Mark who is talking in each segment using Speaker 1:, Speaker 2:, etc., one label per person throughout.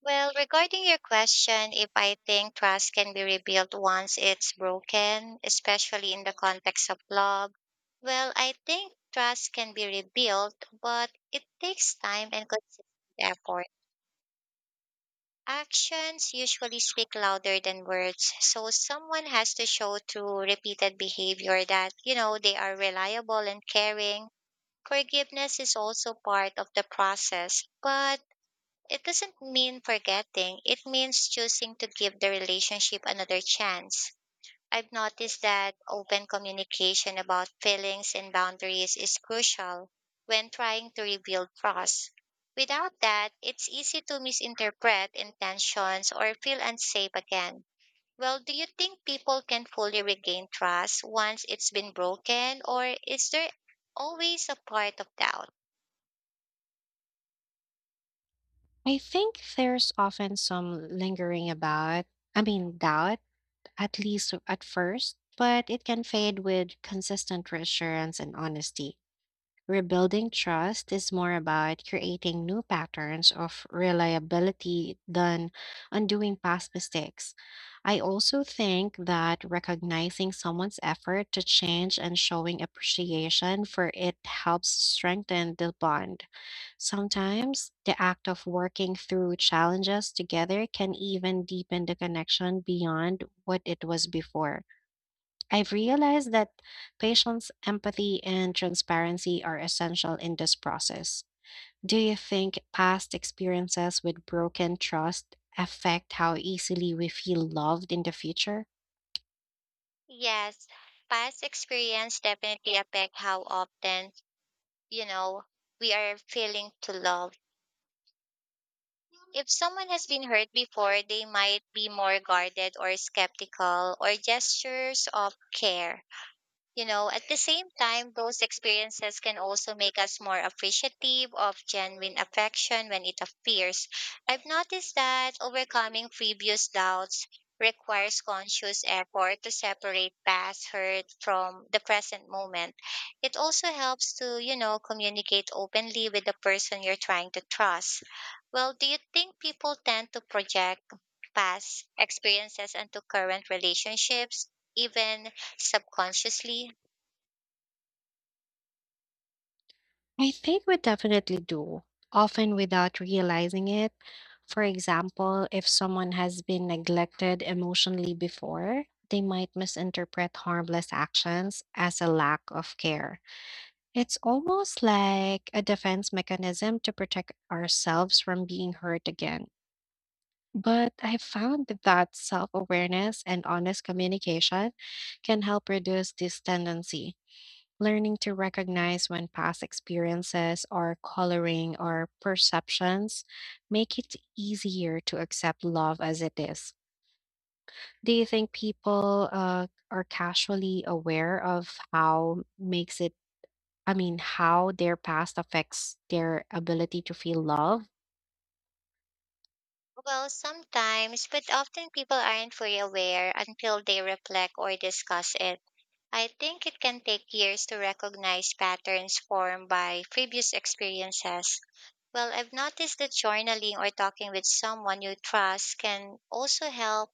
Speaker 1: Well, regarding your question, if I think trust can be rebuilt once it's broken, especially in the context of love, well, I think trust can be rebuilt, but it takes time and consistent effort. Actions usually speak louder than words, so someone has to show through repeated behavior that, you know, they are reliable and caring. Forgiveness is also part of the process, but it doesn't mean forgetting, it means choosing to give the relationship another chance. I've noticed that open communication about feelings and boundaries is crucial when trying to rebuild trust. Without that, it's easy to misinterpret intentions or feel unsafe again. Well, do you think people can fully regain trust once it's been broken, or is there always a part of doubt?
Speaker 2: I think there's often some lingering doubt, at least at first, but it can fade with consistent reassurance and honesty. Rebuilding trust is more about creating new patterns of reliability than undoing past mistakes. I also think that recognizing someone's effort to change and showing appreciation for it helps strengthen the bond. Sometimes the act of working through challenges together can even deepen the connection beyond what it was before. I've realized that patience, empathy, and transparency are essential in this process. Do you think past experiences with broken trust affect how easily we feel loved in the future?
Speaker 1: Yes, past experience definitely affect how often, you know, we are feeling to love. If someone has been hurt before, they might be more guarded or skeptical or gestures of care. You know, at the same time, those experiences can also make us more appreciative of genuine affection when it appears. I've noticed that overcoming previous doubts requires conscious effort to separate past hurt from the present moment. It also helps to, communicate openly with the person you're trying to trust. Well, do you think people tend to project past experiences into current relationships, even subconsciously?
Speaker 2: I think we definitely do, often without realizing it. For example, if someone has been neglected emotionally before, they might misinterpret harmless actions as a lack of care. It's almost like a defense mechanism to protect ourselves from being hurt again. But I found that self awareness and honest communication can help reduce this tendency. Learning to recognize when past experiences are coloring our perceptions make it easier to accept love as it is. Do you think people are casually aware of how makes it I mean, how their past affects their ability to feel love?
Speaker 1: Well, sometimes, but often people aren't fully aware until they reflect or discuss it. I think it can take years to recognize patterns formed by previous experiences. Well, I've noticed that journaling or talking with someone you trust can also help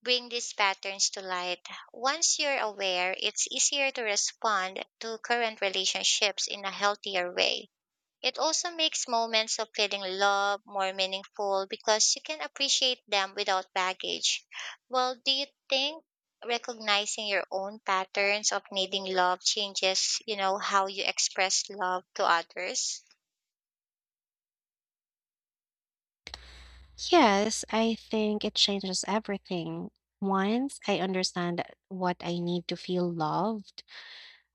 Speaker 1: bring these patterns to light. Once you're aware, it's easier to respond to current relationships in a healthier way. It also makes moments of feeling love more meaningful because you can appreciate them without baggage. Well, do you think recognizing your own patterns of needing love changes, how you express love to others?
Speaker 2: Yes, I think it changes everything. Once I understand what I need to feel loved,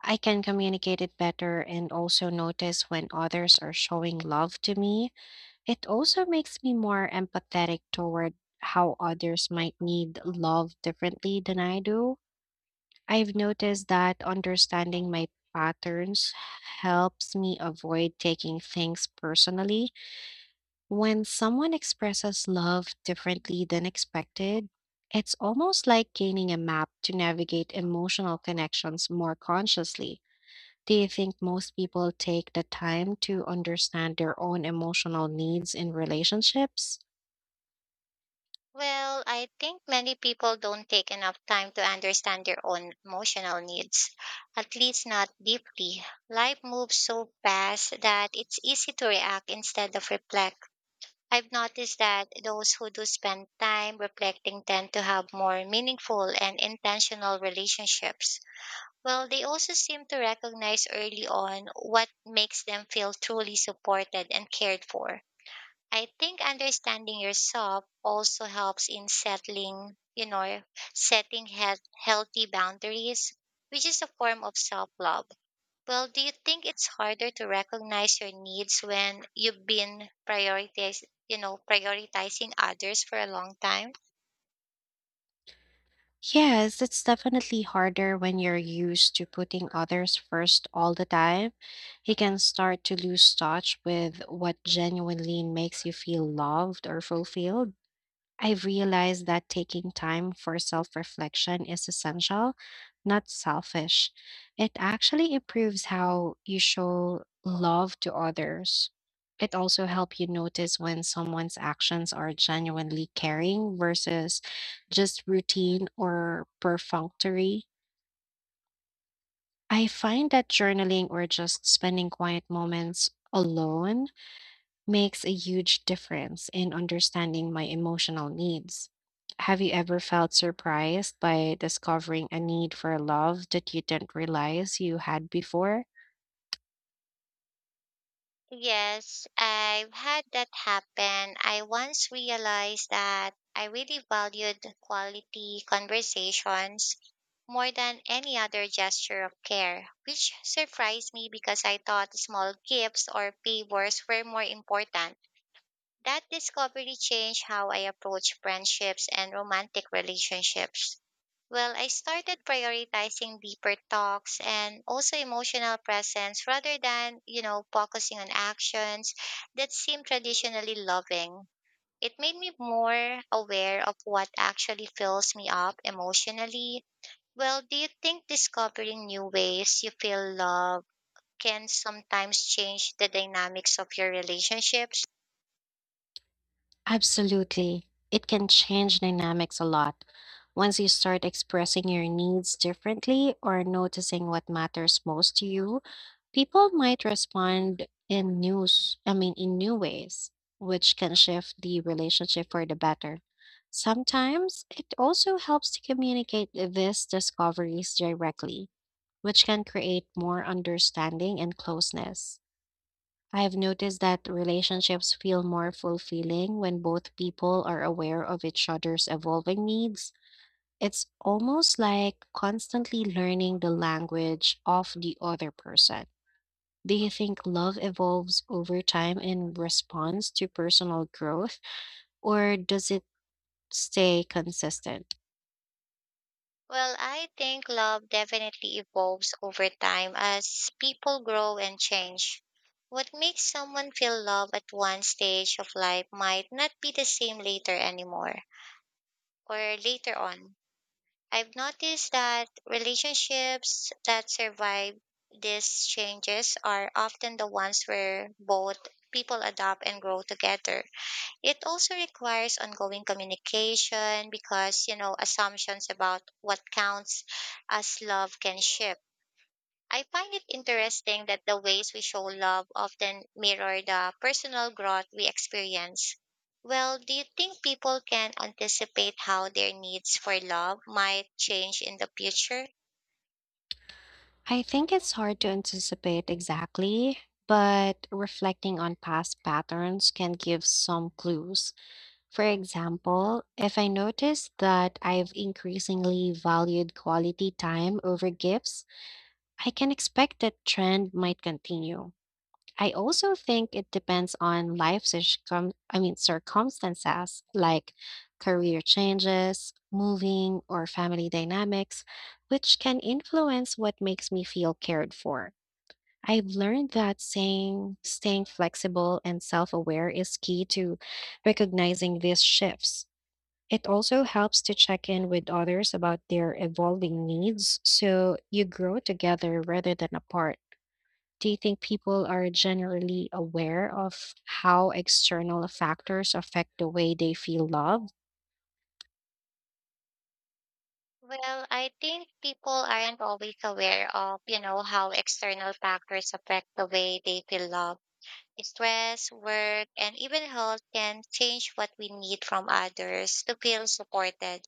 Speaker 2: I can communicate it better and also notice when others are showing love to me. It also makes me more empathetic toward how others might need love differently than I do. I've noticed that understanding my patterns helps me avoid taking things personally. When someone expresses love differently than expected, it's almost like gaining a map to navigate emotional connections more consciously. Do you think most people take the time to understand their own emotional needs in relationships?
Speaker 1: Well, I think many people don't take enough time to understand their own emotional needs, at least not deeply. Life moves so fast that it's easy to react instead of reflect. I've noticed that those who do spend time reflecting tend to have more meaningful and intentional relationships. Well, they also seem to recognize early on what makes them feel truly supported and cared for. I think understanding yourself also helps in settling, setting healthy boundaries, which is a form of self love. Well, do you think it's harder to recognize your needs when you've been prioritizing, prioritizing others for a long time?
Speaker 2: Yes, it's definitely harder when you're used to putting others first all the time. You can start to lose touch with what genuinely makes you feel loved or fulfilled. I realized that taking time for self reflection is essential, not selfish. It actually improves how you show love to others. It also helps you notice when someone's actions are genuinely caring versus just routine or perfunctory. I find that journaling or just spending quiet moments alone makes a huge difference in understanding my emotional needs. Have you ever felt surprised by discovering a need for love that you didn't realize you had before?
Speaker 1: Yes, I've had that happen. I once realized that I really valued quality conversations more than any other gesture of care, which surprised me because I thought small gifts or favors were more important. That discovery changed how I approach friendships and romantic relationships. Well, I started prioritizing deeper talks and also emotional presence rather than, focusing on actions that seem traditionally loving. It made me more aware of what actually fills me up emotionally. Well, do you think discovering new ways you feel love can sometimes change the dynamics of your relationships?
Speaker 2: Absolutely. It can change dynamics a lot. Once you start expressing your needs differently or noticing what matters most to you, people might respond in news, I mean, in new ways, which can shift the relationship for the better. Sometimes it also helps to communicate these discoveries directly, which can create more understanding and closeness. I have noticed that relationships feel more fulfilling when both people are aware of each other's evolving needs. It's almost like constantly learning the language of the other person. Do you think love evolves over time in response to personal growth, or does it stay consistent?
Speaker 1: Well, I think love definitely evolves over time as people grow and change. What makes someone feel love at one stage of life might not be the same later anymore or later on. I've noticed that relationships that survive these changes are often the ones where both people adapt and grow together. It also requires ongoing communication because, assumptions about what counts as love can shift. I find it interesting that the ways we show love often mirror the personal growth we experience. Well, do you think people can anticipate how their needs for love might change in the future?
Speaker 2: I think it's hard to anticipate exactly, but reflecting on past patterns can give some clues. For example, if I notice that I've increasingly valued quality time over gifts, I can expect that trend might continue. I also think it depends on life circum I mean circumstances like career changes, moving, or family dynamics, which can influence what makes me feel cared for. I've learned that saying staying flexible and self-aware is key to recognizing these shifts. It also helps to check in with others about their evolving needs so you grow together rather than apart. Do you think people are generally aware of how external factors affect the way they feel loved?
Speaker 1: Well, I think people aren't always aware of, how external factors affect the way they feel love. Stress, work, and even health can change what we need from others to feel supported.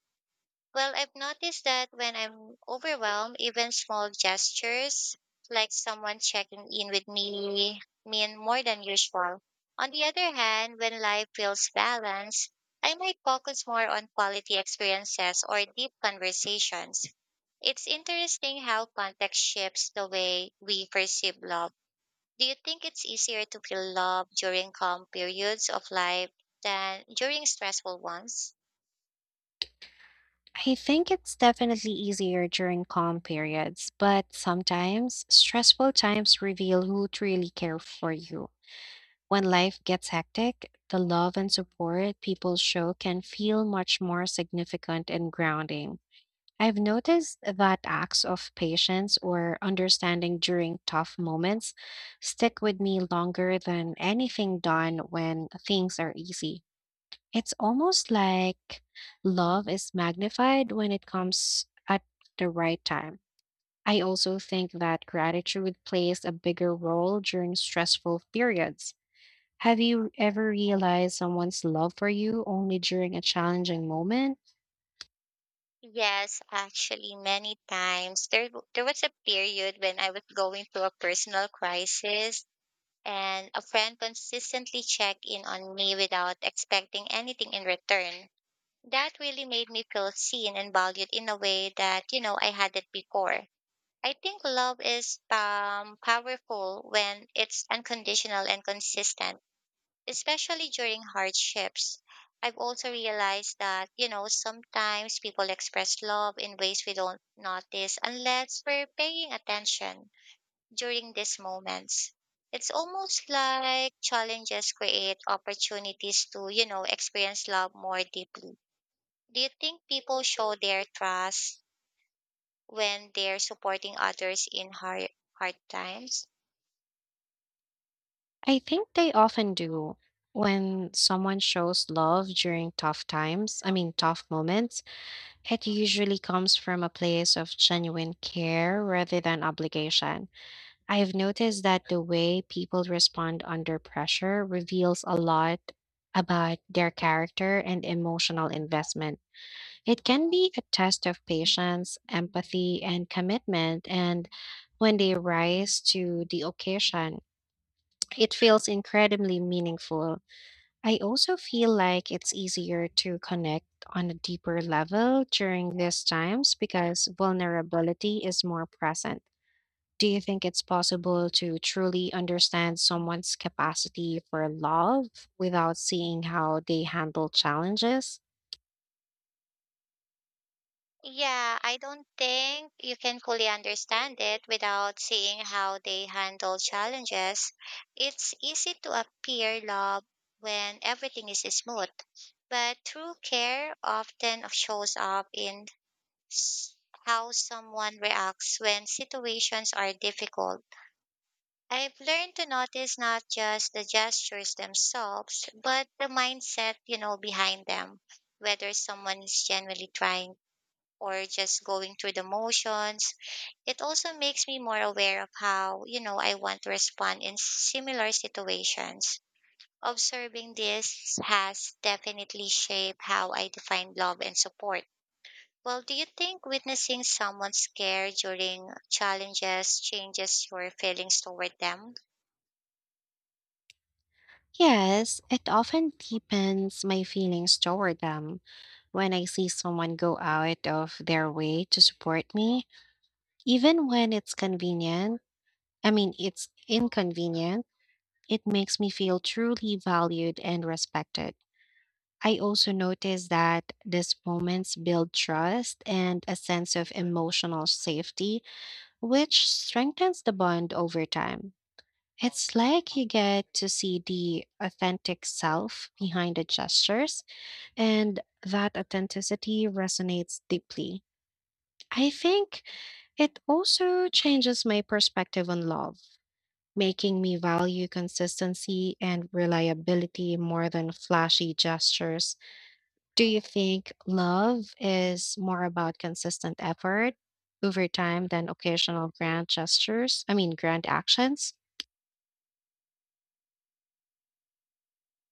Speaker 1: Well, I've noticed that when I'm overwhelmed, even small gestures like someone checking in with me mean more than usual. On the other hand, when life feels balanced, I might focus more on quality experiences or deep conversations. It's interesting how context shapes the way we perceive love. Do you think it's easier to feel love during calm periods of life than during stressful ones?
Speaker 2: I think it's definitely easier during calm periods, but sometimes stressful times reveal who truly care for you. When life gets hectic, the love and support people show can feel much more significant and grounding. I've noticed that acts of patience or understanding during tough moments stick with me longer than anything done when things are easy. It's almost like love is magnified when it comes at the right time. I also think that gratitude plays a bigger role during stressful periods. Have you ever realized someone's love for you only during a challenging moment?
Speaker 1: Yes, actually, many times there was a period when I was going through a personal crisis, and a friend consistently checked in on me without expecting anything in return. That really made me feel seen and valued in a way that I hadn't before. I think love is powerful when it's unconditional and consistent, especially during hardships. I've also realized that, sometimes people express love in ways we don't notice unless we're paying attention during these moments. It's almost like challenges create opportunities to, experience love more deeply. Do you think people show their trust when they're supporting others in hard times?
Speaker 2: I think they often do. When someone shows love during tough times, I mean, tough moments, it usually comes from a place of genuine care rather than obligation. I've noticed that the way people respond under pressure reveals a lot about their character and emotional investment. It can be a test of patience, empathy, and commitment, and when they rise to the occasion. It feels incredibly meaningful. I also feel like it's easier to connect on a deeper level during these times because vulnerability is more present. Do you think it's possible to truly understand someone's capacity for love without seeing how they handle challenges?
Speaker 1: Yeah, I don't think you can fully understand it without seeing how they handle challenges. It's easy to appear love when everything is smooth, but true care often shows up in s- how someone reacts when situations are difficult. I've learned to notice not just the gestures themselves, but the mindset, behind them, whether someone is genuinely trying or just going through the motions. It also makes me more aware of how, I want to respond in similar situations. Observing this has definitely shaped how I define love and support. Well, do you think witnessing someone scared during challenges changes your feelings toward them?
Speaker 2: Yes, it often deepens my feelings toward them when I see someone go out of their way to support me, even when it's convenient. I mean, it's inconvenient. It makes me feel truly valued and respected. I also notice that these moments build trust and a sense of emotional safety, which strengthens the bond over time. It's like you get to see the authentic self behind the gestures, and that authenticity resonates deeply. I think it also changes my perspective on love, making me value consistency and reliability more than flashy gestures. Do you think love is more about consistent effort over time than occasional grand gestures? I mean, grand actions?